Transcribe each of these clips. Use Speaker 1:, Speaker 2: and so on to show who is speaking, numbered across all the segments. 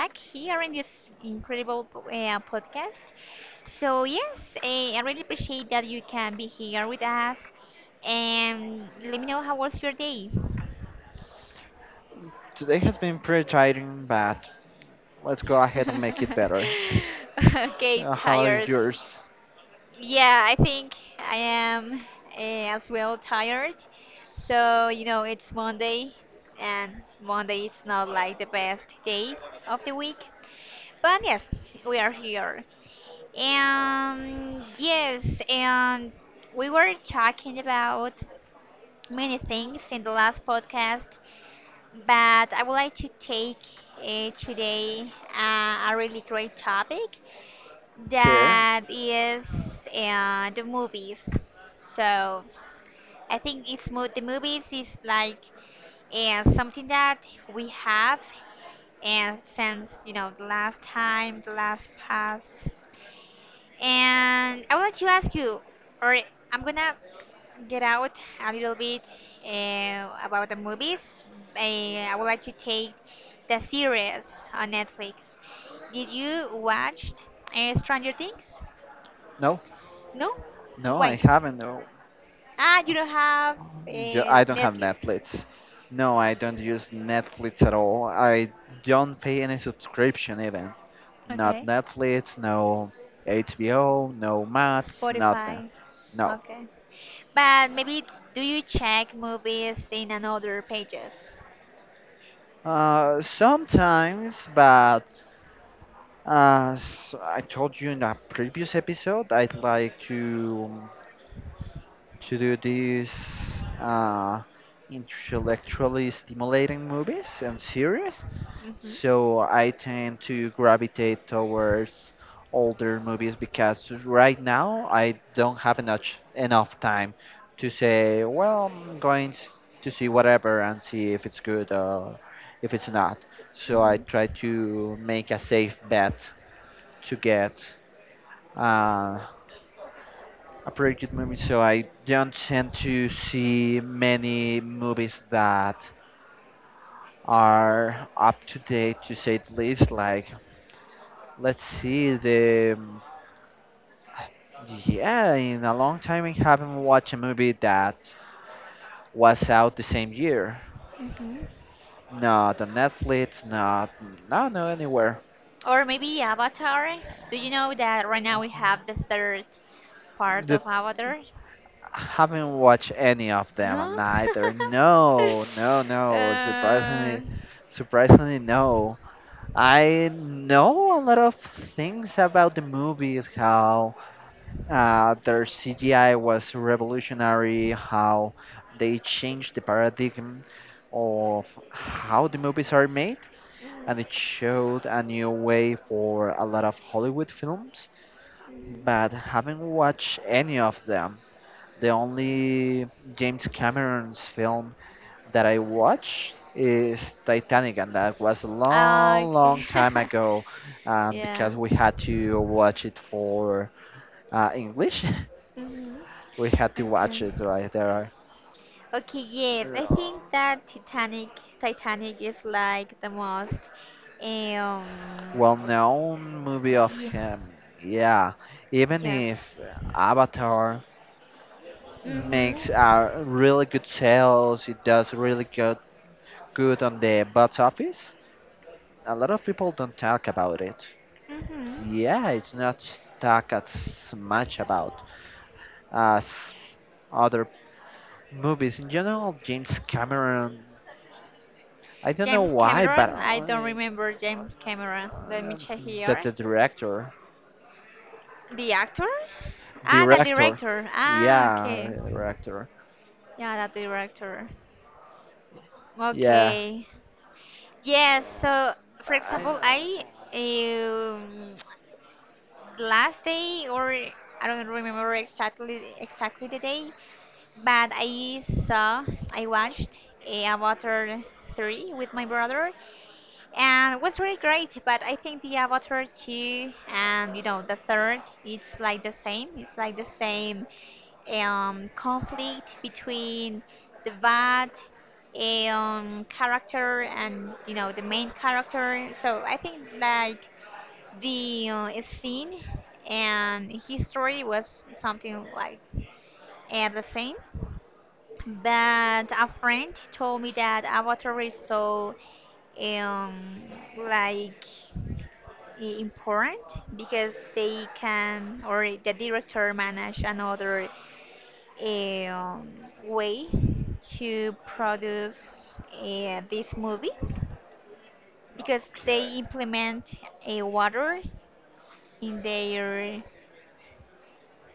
Speaker 1: back here in this incredible podcast. So yes, I really appreciate that you can be here with us. And let me know how was your day.
Speaker 2: Today has been pretty tiring, but let's go ahead and make it better.
Speaker 1: Okay,
Speaker 2: How about
Speaker 1: tired.
Speaker 2: yours?
Speaker 1: Yeah, I think I am as well tired. So, it's Monday, and Monday it's not like the best day of the week. But yes, we are here. And yes, and we were talking about many things in the last podcast, but I would like to take today a really great topic
Speaker 2: Okay.
Speaker 1: that is the movies. So I think the movies is like something that we have and since the last time, the last past. And I would like to ask you, or I'm gonna get out a little bit about the movies. I would like to take the series on Netflix. Did you watch Stranger Things?
Speaker 2: No,
Speaker 1: No?
Speaker 2: no, I
Speaker 1: Why?
Speaker 2: haven't. No,
Speaker 1: Ah, you don't have uh,
Speaker 2: I don't have
Speaker 1: Netflix.
Speaker 2: Netflix. No, I don't use Netflix at all. I don't pay any subscription even. Not
Speaker 1: Okay.
Speaker 2: Netflix, no HBO, no Max, nothing.
Speaker 1: Spotify.
Speaker 2: No.
Speaker 1: Okay. But maybe do you check movies in another pages?
Speaker 2: Sometimes, but as I told you in a previous episode, I'd like to do these uh, intellectually stimulating movies and series.
Speaker 1: Mm-hmm.
Speaker 2: So I tend to gravitate towards older movies because right now I don't have enough time to say, well, I'm going to see whatever and see if it's good or if it's not. So I try
Speaker 1: Mm-hmm.
Speaker 2: to make a safe bet to get uh, a pretty good movie, so I don't tend to see many movies that are up to date, to say the least. Like, let's see, the yeah, in a long time I haven't watched a movie that was out the same year.
Speaker 1: Mm-hmm.
Speaker 2: Not on Netflix, not no, no anywhere.
Speaker 1: Or maybe Avatar. Do you know that right now we have the third part
Speaker 2: That
Speaker 1: of Avatar?
Speaker 2: haven't watched any of them
Speaker 1: No?
Speaker 2: neither. No, no, no.
Speaker 1: uh,
Speaker 2: Surprisingly,
Speaker 1: mm,
Speaker 2: surprisingly, no. I know a lot of things about the movies, how their CGI was revolutionary, how they changed the paradigm of how the movies are made, and it showed a new way for a lot of Hollywood films,
Speaker 1: mm.
Speaker 2: but haven't watched any of them. The only James Cameron's film that I watched is Titanic, and that was a
Speaker 1: Ah,
Speaker 2: long, long
Speaker 1: okay.
Speaker 2: time ago.
Speaker 1: Yeah.
Speaker 2: Because we had to watch it for English,
Speaker 1: Hmm.
Speaker 2: we had to watch
Speaker 1: Okay.
Speaker 2: it right there.
Speaker 1: Okay, yes. I
Speaker 2: Uh,
Speaker 1: think that Titanic is like the most um
Speaker 2: Well-known movie of
Speaker 1: ye-
Speaker 2: him, yeah. Even if
Speaker 1: yes.
Speaker 2: Avatar makes
Speaker 1: Mm-hmm.
Speaker 2: a really good sales, it does really good on the box office. A lot of people don't talk about it.
Speaker 1: Mm-hmm.
Speaker 2: Yeah, it's not talked as much about as other movies in general. James Cameron, I don't know
Speaker 1: James
Speaker 2: why, but
Speaker 1: Cameron. I don't remember James Cameron. Let me check
Speaker 2: that's
Speaker 1: here.
Speaker 2: the director.
Speaker 1: The actor? Ah, the
Speaker 2: Director,
Speaker 1: director. Ah,
Speaker 2: yeah,
Speaker 1: okay.
Speaker 2: director,
Speaker 1: Yeah, the director.
Speaker 2: yeah.
Speaker 1: Okay. Yes. So, for
Speaker 2: I
Speaker 1: example, I um, last day or I don't remember exactly the day, but I watched Avatar 3 with my brother. And it was really great, but I think the Avatar 2 and the third, it's like the same. It's like the same conflict between the bad character and the main character. So I think like the scene and history was something like the same. But a friend told me that Avatar is so um, like important because they can or the director manage another eh, um, way to produce this movie because
Speaker 2: Okay,
Speaker 1: they implement a water in their in,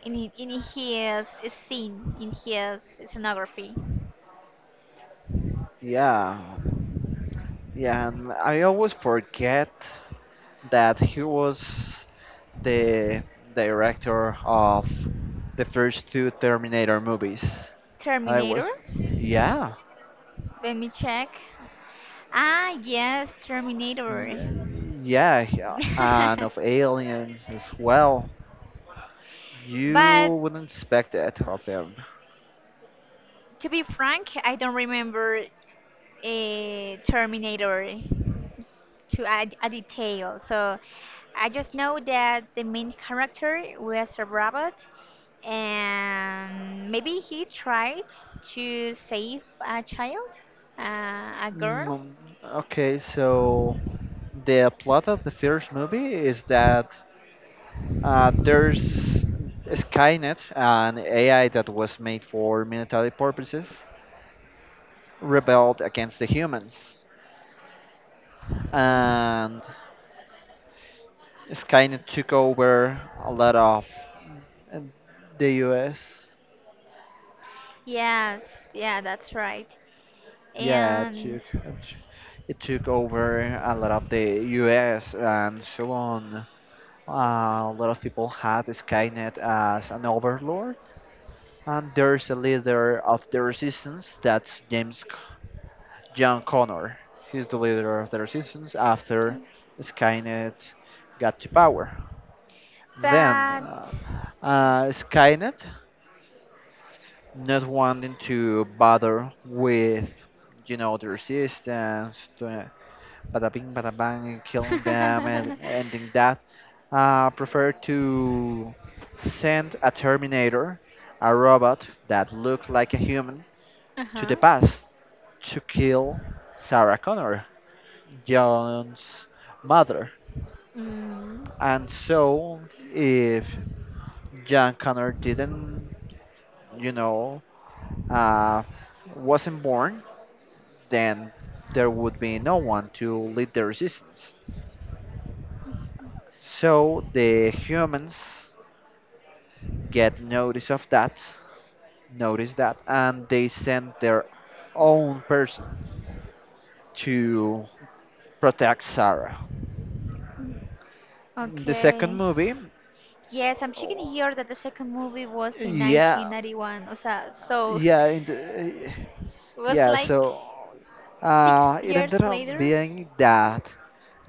Speaker 1: hi- in his scene in his scenography.
Speaker 2: yeah, yeah. And I always forget that he was the director of the first two Terminator movies. I was,
Speaker 1: Terminator,
Speaker 2: yeah,
Speaker 1: let me check. Ah, yes, Terminator.
Speaker 2: yeah, yeah, yeah, and of aliens as well.
Speaker 1: But
Speaker 2: You wouldn't expect that of him.
Speaker 1: to be frank, I don't remember a Terminator to add a detail. So I just know that the main character was a robot, and maybe he tried to save a child, a girl.
Speaker 2: Mm, okay, so the plot of the first movie is that there's Skynet, an AI that was made for military purposes, rebelled against the humans, and Skynet took over a lot of uh, the U.S.
Speaker 1: Yes, yeah, that's right.
Speaker 2: Yeah, it
Speaker 1: And
Speaker 2: took, it took it took over a lot of the U.S. and so on. A lot of people had Skynet as an overlord, and there's a leader of the resistance that's John Connor. He's the leader of the resistance after Skynet got to power. Then,
Speaker 1: but
Speaker 2: Skynet, not wanting to bother with, the resistance, the bada bing, bada bang, killing them and ending that. Prefer to send a Terminator, a robot that looked like a human, to
Speaker 1: uh-huh.
Speaker 2: the past to kill Sarah Connor, John's mother.
Speaker 1: Mm,
Speaker 2: And so, if John Connor didn't, you know, uh, wasn't born, then there would be no one to lead the resistance. So the humans get notice that, and they send their own person to protect Sarah. In the second
Speaker 1: okay.
Speaker 2: movie,
Speaker 1: Yes, I'm checking here that the second movie was in
Speaker 2: yeah,
Speaker 1: 1991. O sea, so
Speaker 2: yeah,
Speaker 1: it was
Speaker 2: yeah.
Speaker 1: like
Speaker 2: So
Speaker 1: six
Speaker 2: it
Speaker 1: years
Speaker 2: ended up
Speaker 1: later.
Speaker 2: being that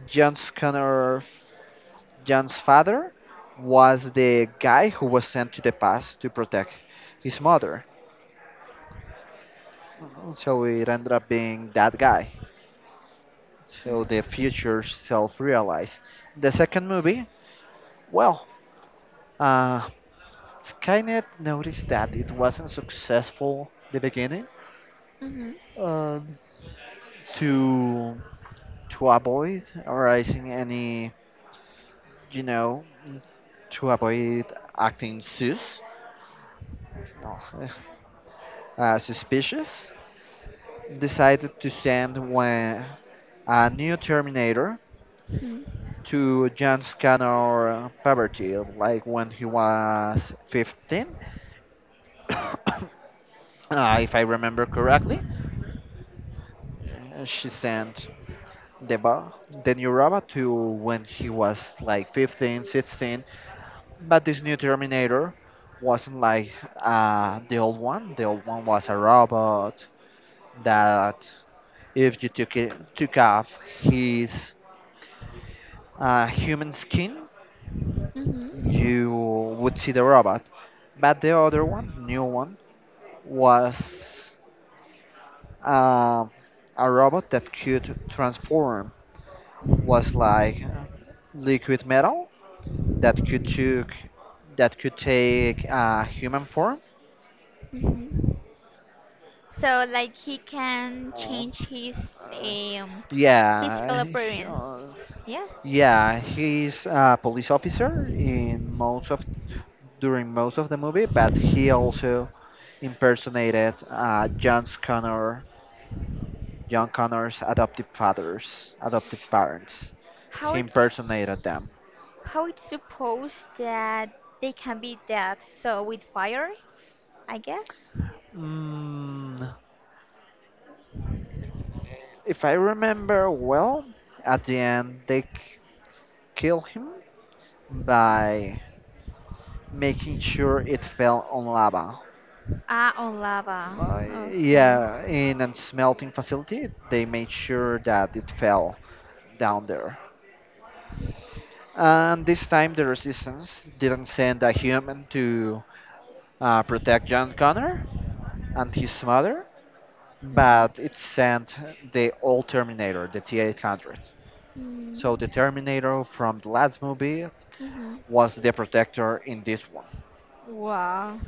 Speaker 2: John's Connor, John's father, was the guy who was sent to the past to protect his mother. So it ended up being that guy. So the
Speaker 1: Mm-hmm.
Speaker 2: future self realized. The second movie, well, uh, Skynet noticed that it wasn't successful the beginning,
Speaker 1: Mm-hmm.
Speaker 2: um, to to avoid arising any, you know, to avoid acting sus, no, suspicious, decided to send one, a new Terminator to John Scanner Poverty, like when he was 15. If I remember correctly, she sent the ba- the new robot to when he was like 15, 16. But this new Terminator wasn't like the old one. The old one was a robot that, if you took off his human skin,
Speaker 1: Mm-hmm.
Speaker 2: you would see the robot. But the new one, was uh, a robot that could transform, was like liquid metal that could take human form.
Speaker 1: Mm-hmm. So like he can
Speaker 2: Um,
Speaker 1: change his
Speaker 2: uh,
Speaker 1: um,
Speaker 2: yeah,
Speaker 1: physical
Speaker 2: he- uh,
Speaker 1: appearance. Yes.
Speaker 2: yeah, he's a police officer in most of during most of the movie, but he also impersonated John Connor's adoptive parents.
Speaker 1: How
Speaker 2: He
Speaker 1: it's
Speaker 2: impersonated them.
Speaker 1: how it's supposed that they can be that? So with fire, I guess.
Speaker 2: Mm, if I remember well, at the end they kill him by making sure it fell on lava.
Speaker 1: Ah, on lava.
Speaker 2: Uh,
Speaker 1: Okay.
Speaker 2: yeah, in a smelting facility, they made sure that it fell down there. And this time, the resistance didn't send a human to protect John Connor and his mother,
Speaker 1: Mm-hmm.
Speaker 2: but it sent the old Terminator, the T800. So the
Speaker 1: Mm,
Speaker 2: Terminator from the last movie
Speaker 1: mm-hmm.
Speaker 2: was the protector in this one.
Speaker 1: Wow.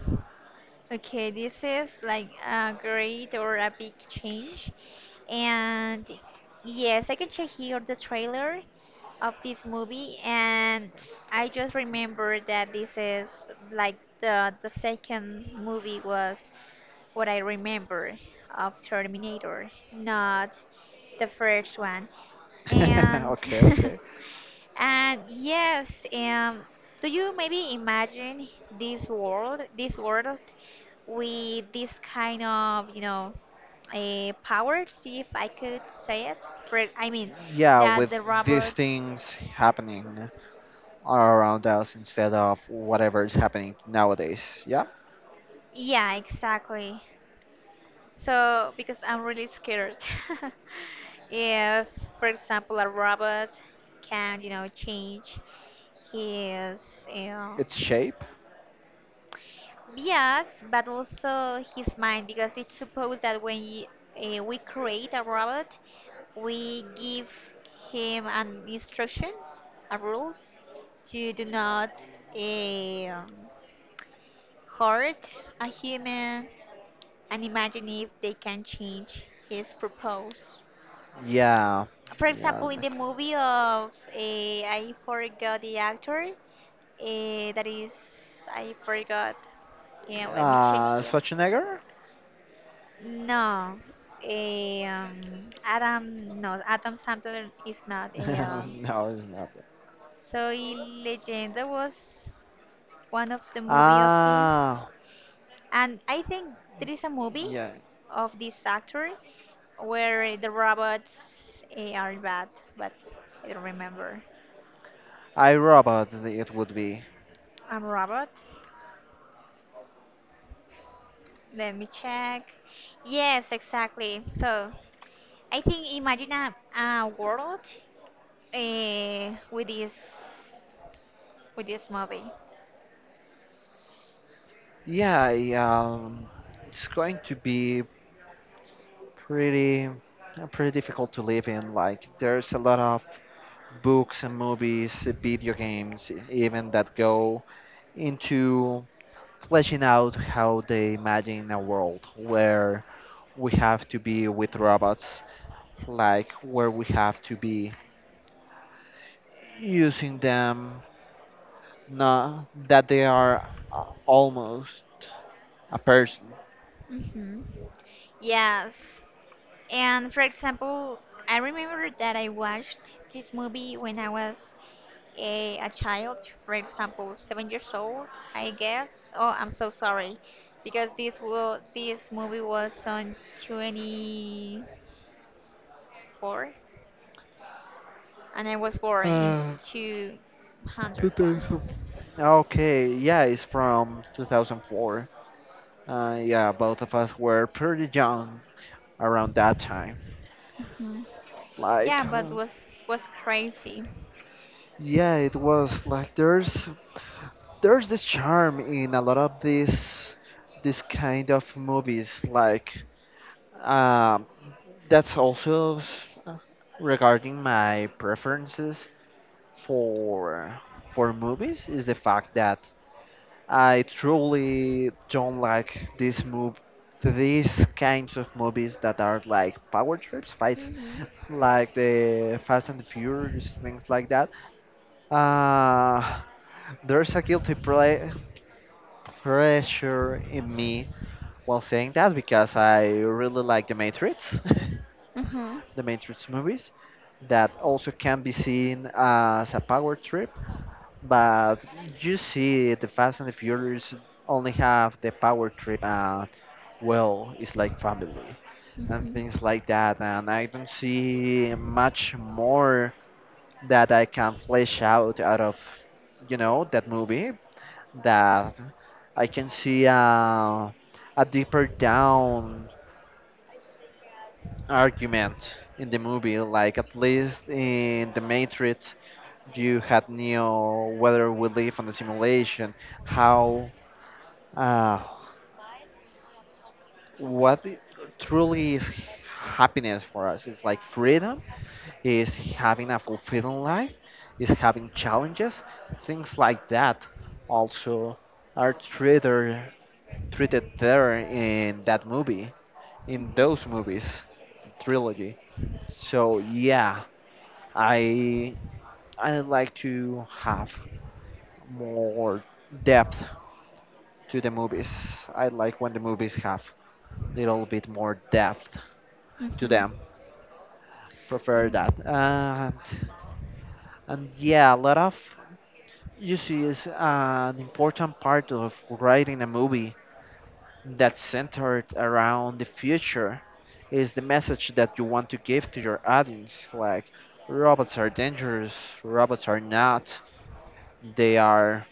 Speaker 1: Okay, this is like a great or a big change. And yes, I can check here the trailer of this movie and I just remember that this is like the second movie was what I remember of Terminator, not the first one. And
Speaker 2: Okay, okay.
Speaker 1: And yes, do you maybe imagine this world, with this kind of, a powers, if I could say it? For I mean,
Speaker 2: Yeah,
Speaker 1: that
Speaker 2: with
Speaker 1: the
Speaker 2: these
Speaker 1: robot.
Speaker 2: things happening around us instead of whatever is happening nowadays. Yeah,
Speaker 1: Yeah, exactly. So because I'm really scared. If, for example, a robot can, change his, you know,
Speaker 2: its shape.
Speaker 1: Yes, but also his mind, because it's supposed that when y we create a robot, we give him an instruction, a rules, to do not eh, um hurt a human, and imagine if they can change his purpose.
Speaker 2: Yeah,
Speaker 1: For
Speaker 2: yeah.
Speaker 1: example, in the movie of I forgot the actor, that is I forgot. Yeah, let me check here.
Speaker 2: Schwarzenegger?
Speaker 1: No, Adam, no, Adam Sandler is not.
Speaker 2: No, it's not.
Speaker 1: Soy Leyenda was one of the movie of him,
Speaker 2: Ah,
Speaker 1: and I think there is a movie
Speaker 2: yeah.
Speaker 1: of this actor where the robots are bad, but I don't remember.
Speaker 2: I Robot. It would be.
Speaker 1: I'm robot. Let me check. Yes, exactly. So I think imagine a world eh, with this with this movie.
Speaker 2: Yeah, yeah. It's going to be pretty, pretty difficult to live in. Like, there's a lot of books and movies, video games, even, that go into fleshing out how they imagine a world where we have to be with robots, like where we have to be using them, not that they are almost a person.
Speaker 1: Hmm. Yes. And for example, I remember that I watched this movie when I was a child, for example, 7 years old, I guess. Oh, I'm so sorry, because this movie was on 24, and I was born in
Speaker 2: Uh,
Speaker 1: 201.
Speaker 2: 2000. Okay, yeah, it's from 2004. Yeah, both of us were pretty young around that time.
Speaker 1: Hmm.
Speaker 2: Like,
Speaker 1: Yeah, but was crazy.
Speaker 2: yeah, it was like there's this charm in a lot of these this kind of movies. Like, um, that's also uh, regarding my preferences for for movies, is the fact that I truly don't like this move these kinds of movies that are like power trips, fights,
Speaker 1: Mhm.
Speaker 2: like the Fast and the Furious, things like that. Uh, there's a guilty pressure in me while saying that, because I really like The Matrix,
Speaker 1: Mhm.
Speaker 2: the Matrix movies, that also can be seen as a power trip. But you see, the Fast and the Furious only have the power trip, and well, it's like family and
Speaker 1: Mhm.
Speaker 2: things like that. And I don't see much more that I can flesh out of, that movie, that I can see a deeper down argument in the movie. Like, at least in The Matrix, you had Neo, whether we live on the simulation, how, uh, what truly is happiness for us. It's like freedom, is having a fulfilling life, is having challenges, things like that also are treated there in that movie, in those movies trilogy. So yeah, I I like to have more depth to the movies. I like when the movies have little bit more depth to
Speaker 1: Mhm.
Speaker 2: them. Prefer
Speaker 1: Mhm.
Speaker 2: that. And yeah, a lot of you see is an important part of writing a movie that's centered around the future, is the message that you want to give to your audience, like robots are dangerous, robots are not, they are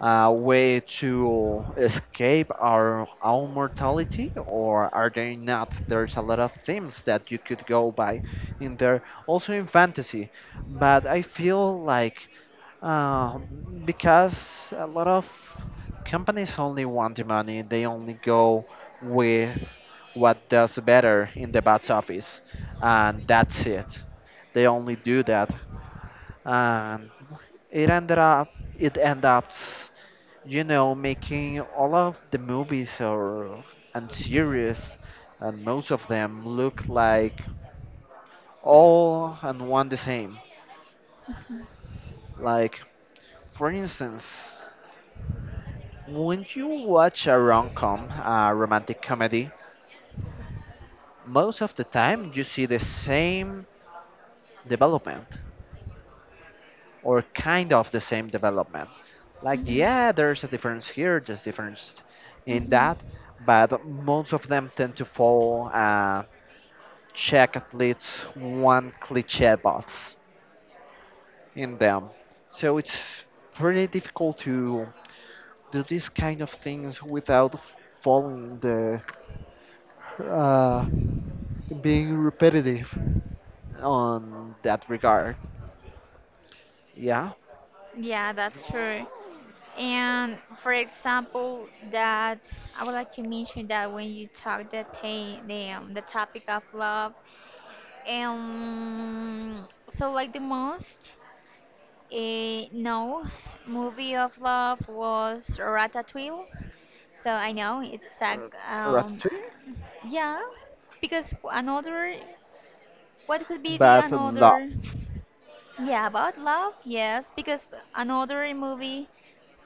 Speaker 2: a way to escape our own mortality, or are they not? There's a lot of themes that you could go by in there, also in fantasy. But I feel like, uh, because a lot of companies only want the money, they only go with what does better in the box office, and that's it. They only do that, and it ended up it ends up, making all of the movies, or and series, and most of them look like all and one the same. Like, for instance, when you watch a rom-com, a romantic comedy, most of the time you see the same development, or kind of the same development. Like,
Speaker 1: Mhm.
Speaker 2: yeah, there's a difference here, there's difference in
Speaker 1: Hmm.
Speaker 2: that, but most of them tend to follow check at least one cliche box in them. So it's pretty difficult to do these kind of things without following the uh, being repetitive on that regard. Yeah,
Speaker 1: Yeah, that's true. And for example, that I would like to mention that when you talk the ta- the topic of love, um, so like the most no movie of love was Ratatouille. So I know it's like
Speaker 2: uh,
Speaker 1: um,
Speaker 2: Ratatouille,
Speaker 1: yeah, because another what could be the
Speaker 2: but love.
Speaker 1: another? Yeah, about love, yes, because another movie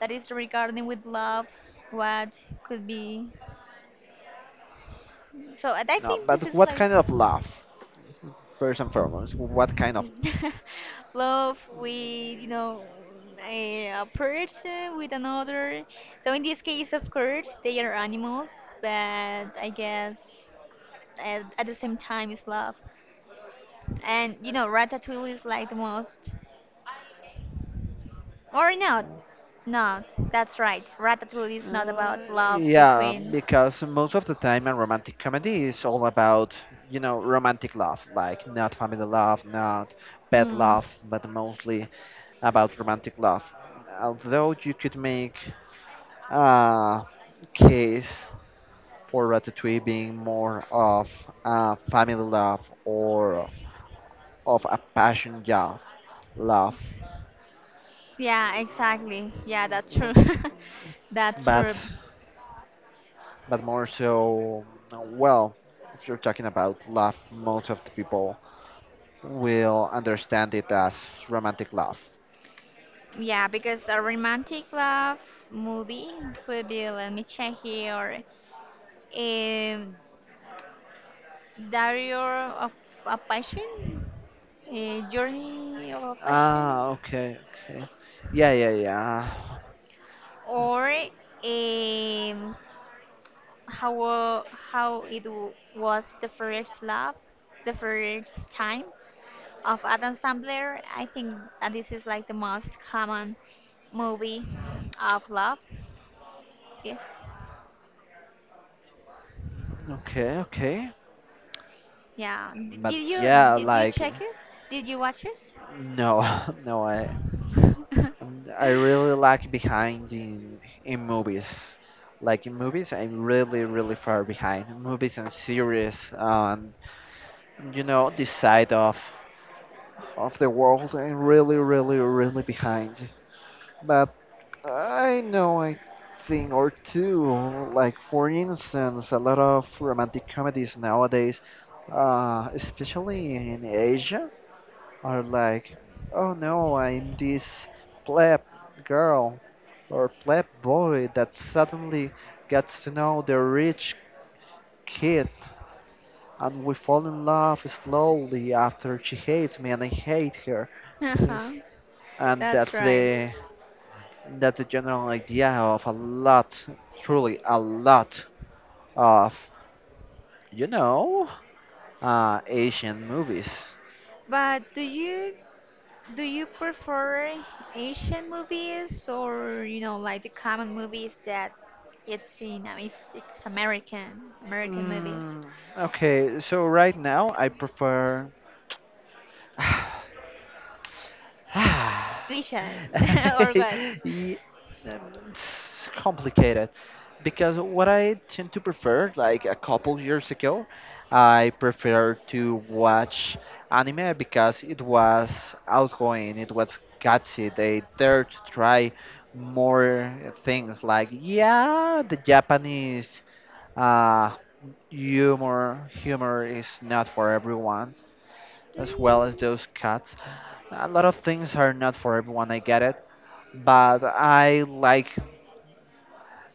Speaker 1: that is regarding with love what could be so and I
Speaker 2: No,
Speaker 1: think this
Speaker 2: but
Speaker 1: is
Speaker 2: what
Speaker 1: like
Speaker 2: kind of love? First and foremost, what kind of?
Speaker 1: love with a person with another, so in this case of course they are animals but I guess at the same time it's love and Ratatouille is like the most or not that's right, Ratatouille is not
Speaker 2: Uh,
Speaker 1: about love
Speaker 2: yeah,
Speaker 1: between.
Speaker 2: because most of the time a romantic comedy is all about, romantic love, like not family love, not pet
Speaker 1: Hmm.
Speaker 2: love, but mostly about romantic love. Although you could make a case for Ratatouille being more of a family love, or of a passion, yeah, love.
Speaker 1: Yeah, exactly. Yeah, that's true.
Speaker 2: Um,
Speaker 1: That's
Speaker 2: but
Speaker 1: true.
Speaker 2: but more so, well, if you're talking about love, most of the people will understand it as romantic love.
Speaker 1: Yeah, because a romantic love movie could be, let me check here, um, Diary of a Passion, a Journey of a Passion,
Speaker 2: Ah, okay, okay, yeah, yeah, yeah,
Speaker 1: or how was the first love, the first time of Adam Sandler. I think that this is like the most common movie of love. Yes.
Speaker 2: okay, okay,
Speaker 1: Yeah. D-
Speaker 2: but
Speaker 1: Did you
Speaker 2: yeah,
Speaker 1: did you
Speaker 2: like
Speaker 1: check it? Did you watch it?
Speaker 2: no, no, I really like behind in movies, like in movies I'm really really far behind movies and series, and this side of the world, and really, really, really behind. But I know a thing or two, like for instance, a lot of romantic comedies nowadays, especially in Asia, are like, oh no, I'm this pleb girl or pleb boy that suddenly gets to know the rich kid and we fall in love slowly after she hates me and I hate her. Things,
Speaker 1: Uh-huh.
Speaker 2: and
Speaker 1: That's
Speaker 2: that's
Speaker 1: right.
Speaker 2: the that's the general idea of a lot, truly a lot of you know Asian movies.
Speaker 1: But do you prefer Asian movies or like the common movies that it's it's American movies?
Speaker 2: Mm, okay, so right now I prefer. Ah,
Speaker 1: Asian or what?
Speaker 2: Ye- um, it's complicated because what I tend to prefer, like a couple years ago, I prefer to watch anime because it was outgoing, it was gutsy. They dared to try more things like, yeah, the Japanese uh, humor is not for everyone, as well as
Speaker 1: Mm.
Speaker 2: those cuts. A lot of things are not for everyone. I get it, but I like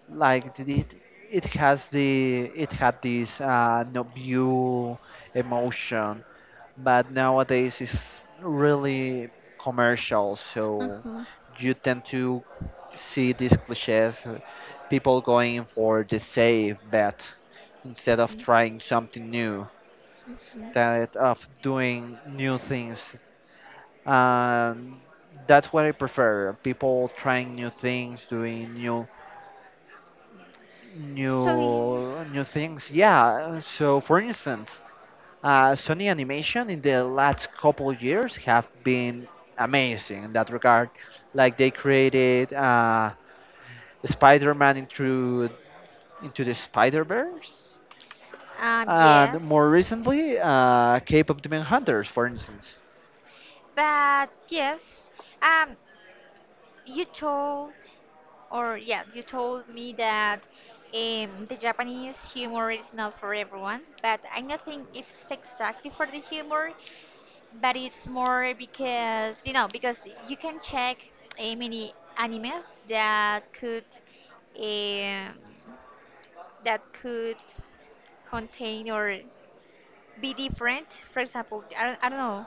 Speaker 2: it. It has the, it had this no view emotion. But nowadays it's really commercial, so
Speaker 1: Uh-huh.
Speaker 2: you tend to see these cliches, people going for the safe bet instead of trying something new,
Speaker 1: Mhm.
Speaker 2: instead of doing new things. And that's what I prefer. People trying new things, doing new
Speaker 1: So yeah,
Speaker 2: new new things. Yeah. So for instance, Sony Animation in the last couple of years have been amazing in that regard. Like, they created Spider-Man into the Spider-Verse, and more
Speaker 1: yes,
Speaker 2: recently, Cape of Demon Hunters, for instance.
Speaker 1: but yes, um, You told, or yeah, you told me that the Japanese humor is not for everyone, but I don't think it's exactly for the humor, but it's more because, because you can check many animes that could um, that could contain or be different. For example, I don't know,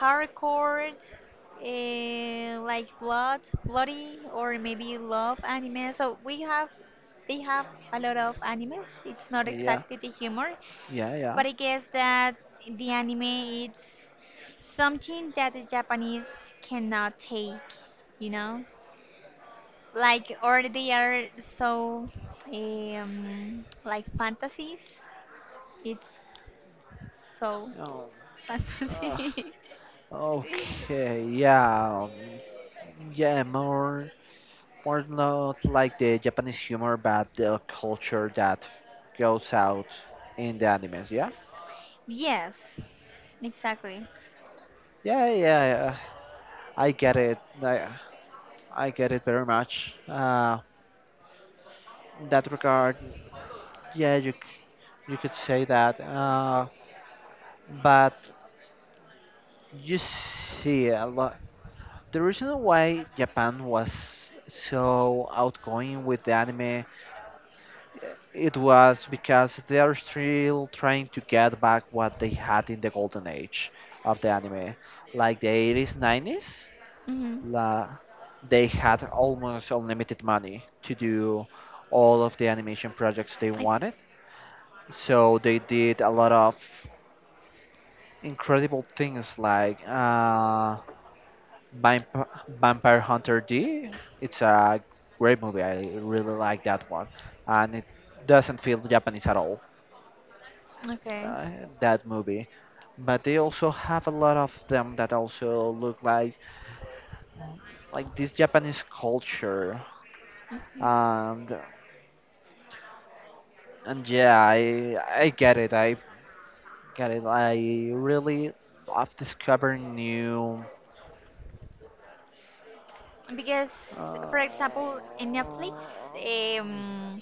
Speaker 1: hardcore, like blood, bloody, or maybe love anime. So we have, they have a lot of animes. It's not
Speaker 2: Yeah.
Speaker 1: exactly the humor,
Speaker 2: Yeah.
Speaker 1: but I guess that the anime it's something that the Japanese cannot take, you know, like or they are so like fantasies. It's so
Speaker 2: Yeah. Um,
Speaker 1: fantasy.
Speaker 2: Okay, yeah, yeah, more, more, not like the Japanese humor, but the culture that goes out in the animes. Yeah,
Speaker 1: Yes, exactly.
Speaker 2: yeah, yeah, yeah, I get it. I get it very much. In that regard, yeah, you, you could say that. But you see a lot. The reason why Japan was so outgoing with the anime, it was because they are still trying to get back what they had in the golden age of the anime. Like the 80s, 90s,
Speaker 1: Mm-hmm.
Speaker 2: la, they had almost unlimited money to do all of the animation projects they
Speaker 1: I,
Speaker 2: wanted. So they did a lot of incredible things, like Vamp- Vampire Hunter D. It's a great movie. I really like that one. And it doesn't feel Japanese at all,
Speaker 1: okay.
Speaker 2: uh, that movie. But they also have a lot of them that also look like this Japanese culture,
Speaker 1: Mhm.
Speaker 2: and and yeah, I get it, I get it. I really love discovering new
Speaker 1: Because,
Speaker 2: uh,
Speaker 1: for example, in Netflix,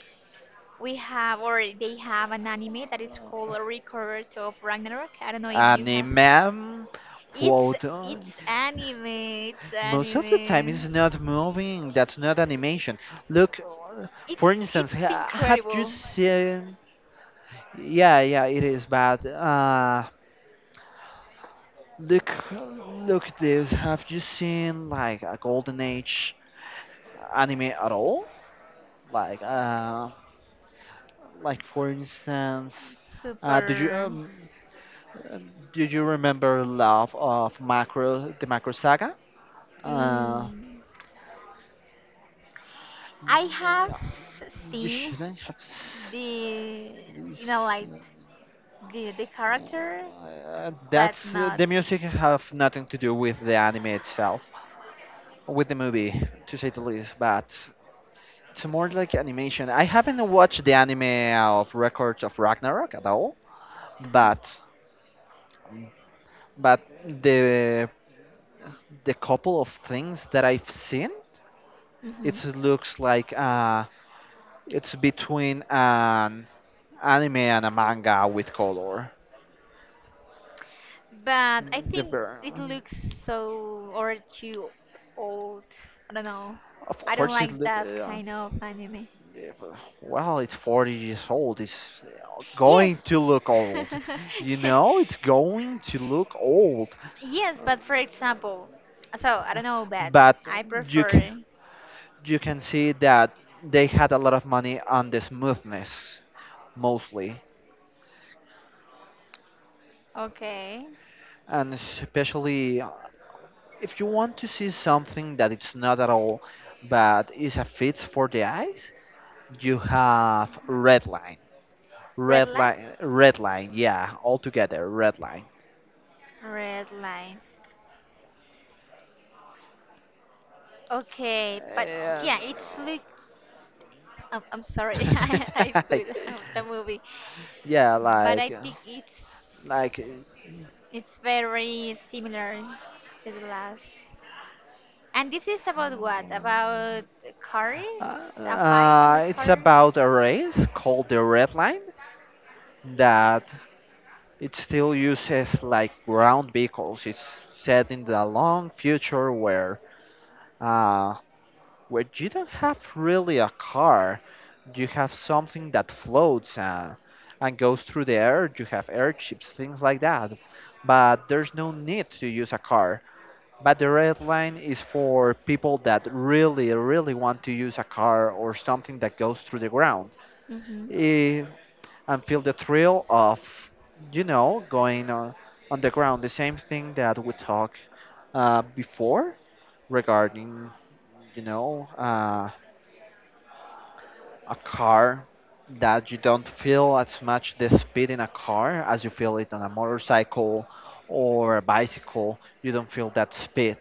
Speaker 1: we have or they have an anime that is called Record of Ragnarok. I don't know if you have.
Speaker 2: anime
Speaker 1: It's
Speaker 2: quote.
Speaker 1: it's anime. It's
Speaker 2: Most of the time it's
Speaker 1: anime.
Speaker 2: not moving, that's not animation look.
Speaker 1: It's
Speaker 2: For instance,
Speaker 1: it's
Speaker 2: have you
Speaker 1: incredible.
Speaker 2: seen? Yeah, yeah, it is bad. Look, look at this. Have you seen like a golden age anime at all? Like, uh, like for instance, uh, did you
Speaker 1: Super.
Speaker 2: um, uh, did you remember Love of Macro, the Macro Saga? I
Speaker 1: Mm, I
Speaker 2: have. Yeah,
Speaker 1: have
Speaker 2: you
Speaker 1: seen
Speaker 2: shouldn't have.
Speaker 1: the
Speaker 2: S-
Speaker 1: like the character but
Speaker 2: That's
Speaker 1: not.
Speaker 2: the music have nothing to do with the anime itself, with the movie, to say the least. But it's more like animation. I haven't watched the anime of Records of Ragnarok at all,
Speaker 1: Mhm.
Speaker 2: but but the the couple of things that I've seen,
Speaker 1: Mhm.
Speaker 2: it looks like it's between an anime and a manga with color.
Speaker 1: But I
Speaker 2: The,
Speaker 1: think it looks so or too old. I don't know.
Speaker 2: of
Speaker 1: I don't
Speaker 2: course, it
Speaker 1: like
Speaker 2: look.
Speaker 1: that kind of anime.
Speaker 2: Yeah, well, it's 40 years old. It's
Speaker 1: Yes.
Speaker 2: going to look old. You
Speaker 1: Yeah.
Speaker 2: know, it's going to look old.
Speaker 1: Yes, but for example, so I don't know, but
Speaker 2: But
Speaker 1: I
Speaker 2: you c-
Speaker 1: prefer.
Speaker 2: you can see that they had a lot of money on the smoothness mostly,
Speaker 1: Okay.
Speaker 2: and especially if you want to see something that it's not at all, but is a fit for the eyes, you have Red Line,
Speaker 1: Red
Speaker 2: Red
Speaker 1: light.
Speaker 2: Line, Red Line, yeah, all together, Red Line.
Speaker 1: Red light. Okay, but
Speaker 2: And
Speaker 1: yeah, it's look I'm sorry, I put the movie,
Speaker 2: yeah,
Speaker 1: but I
Speaker 2: like,
Speaker 1: think
Speaker 2: like,
Speaker 1: it's very similar to the last. And this is about what?
Speaker 2: uh,
Speaker 1: About cars? A fight with
Speaker 2: It's
Speaker 1: cars?
Speaker 2: about a race called the Red Line that it still uses like ground vehicles. It's set in the long future uh, where you don't have really a car. You have something that floats, and goes through the air. You have airships, things like that. But there's no need to use a car. But the Red Line is for people that really, really want to use a car, or something that goes through the ground,
Speaker 1: Mm-hmm.
Speaker 2: eh, and feel the thrill of, you know, going on the ground. The same thing that we talked before regarding, you know, a car. That you don't feel as much the speed in a car as you feel it on a motorcycle or a bicycle. You don't feel that speed.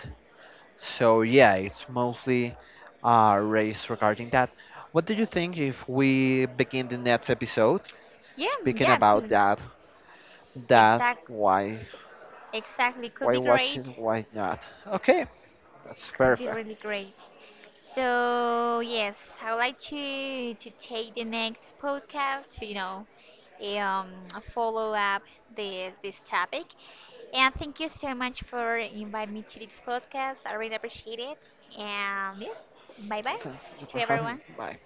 Speaker 2: So yeah, it's mostly a race regarding that. What do you think if we begin the next episode
Speaker 1: Yeah,
Speaker 2: speaking
Speaker 1: yeah,
Speaker 2: about
Speaker 1: could
Speaker 2: that? that
Speaker 1: exact
Speaker 2: why
Speaker 1: exactly could
Speaker 2: why
Speaker 1: be
Speaker 2: watching,
Speaker 1: great.
Speaker 2: why not? Okay, that's
Speaker 1: Could be
Speaker 2: perfect.
Speaker 1: really great. So yes, I would like to take the next podcast to um follow up this topic. And thank you so much for inviting me to this podcast. I really appreciate it. And yes, bye bye
Speaker 2: Thanks for
Speaker 1: to
Speaker 2: having me.
Speaker 1: everyone.
Speaker 2: Bye.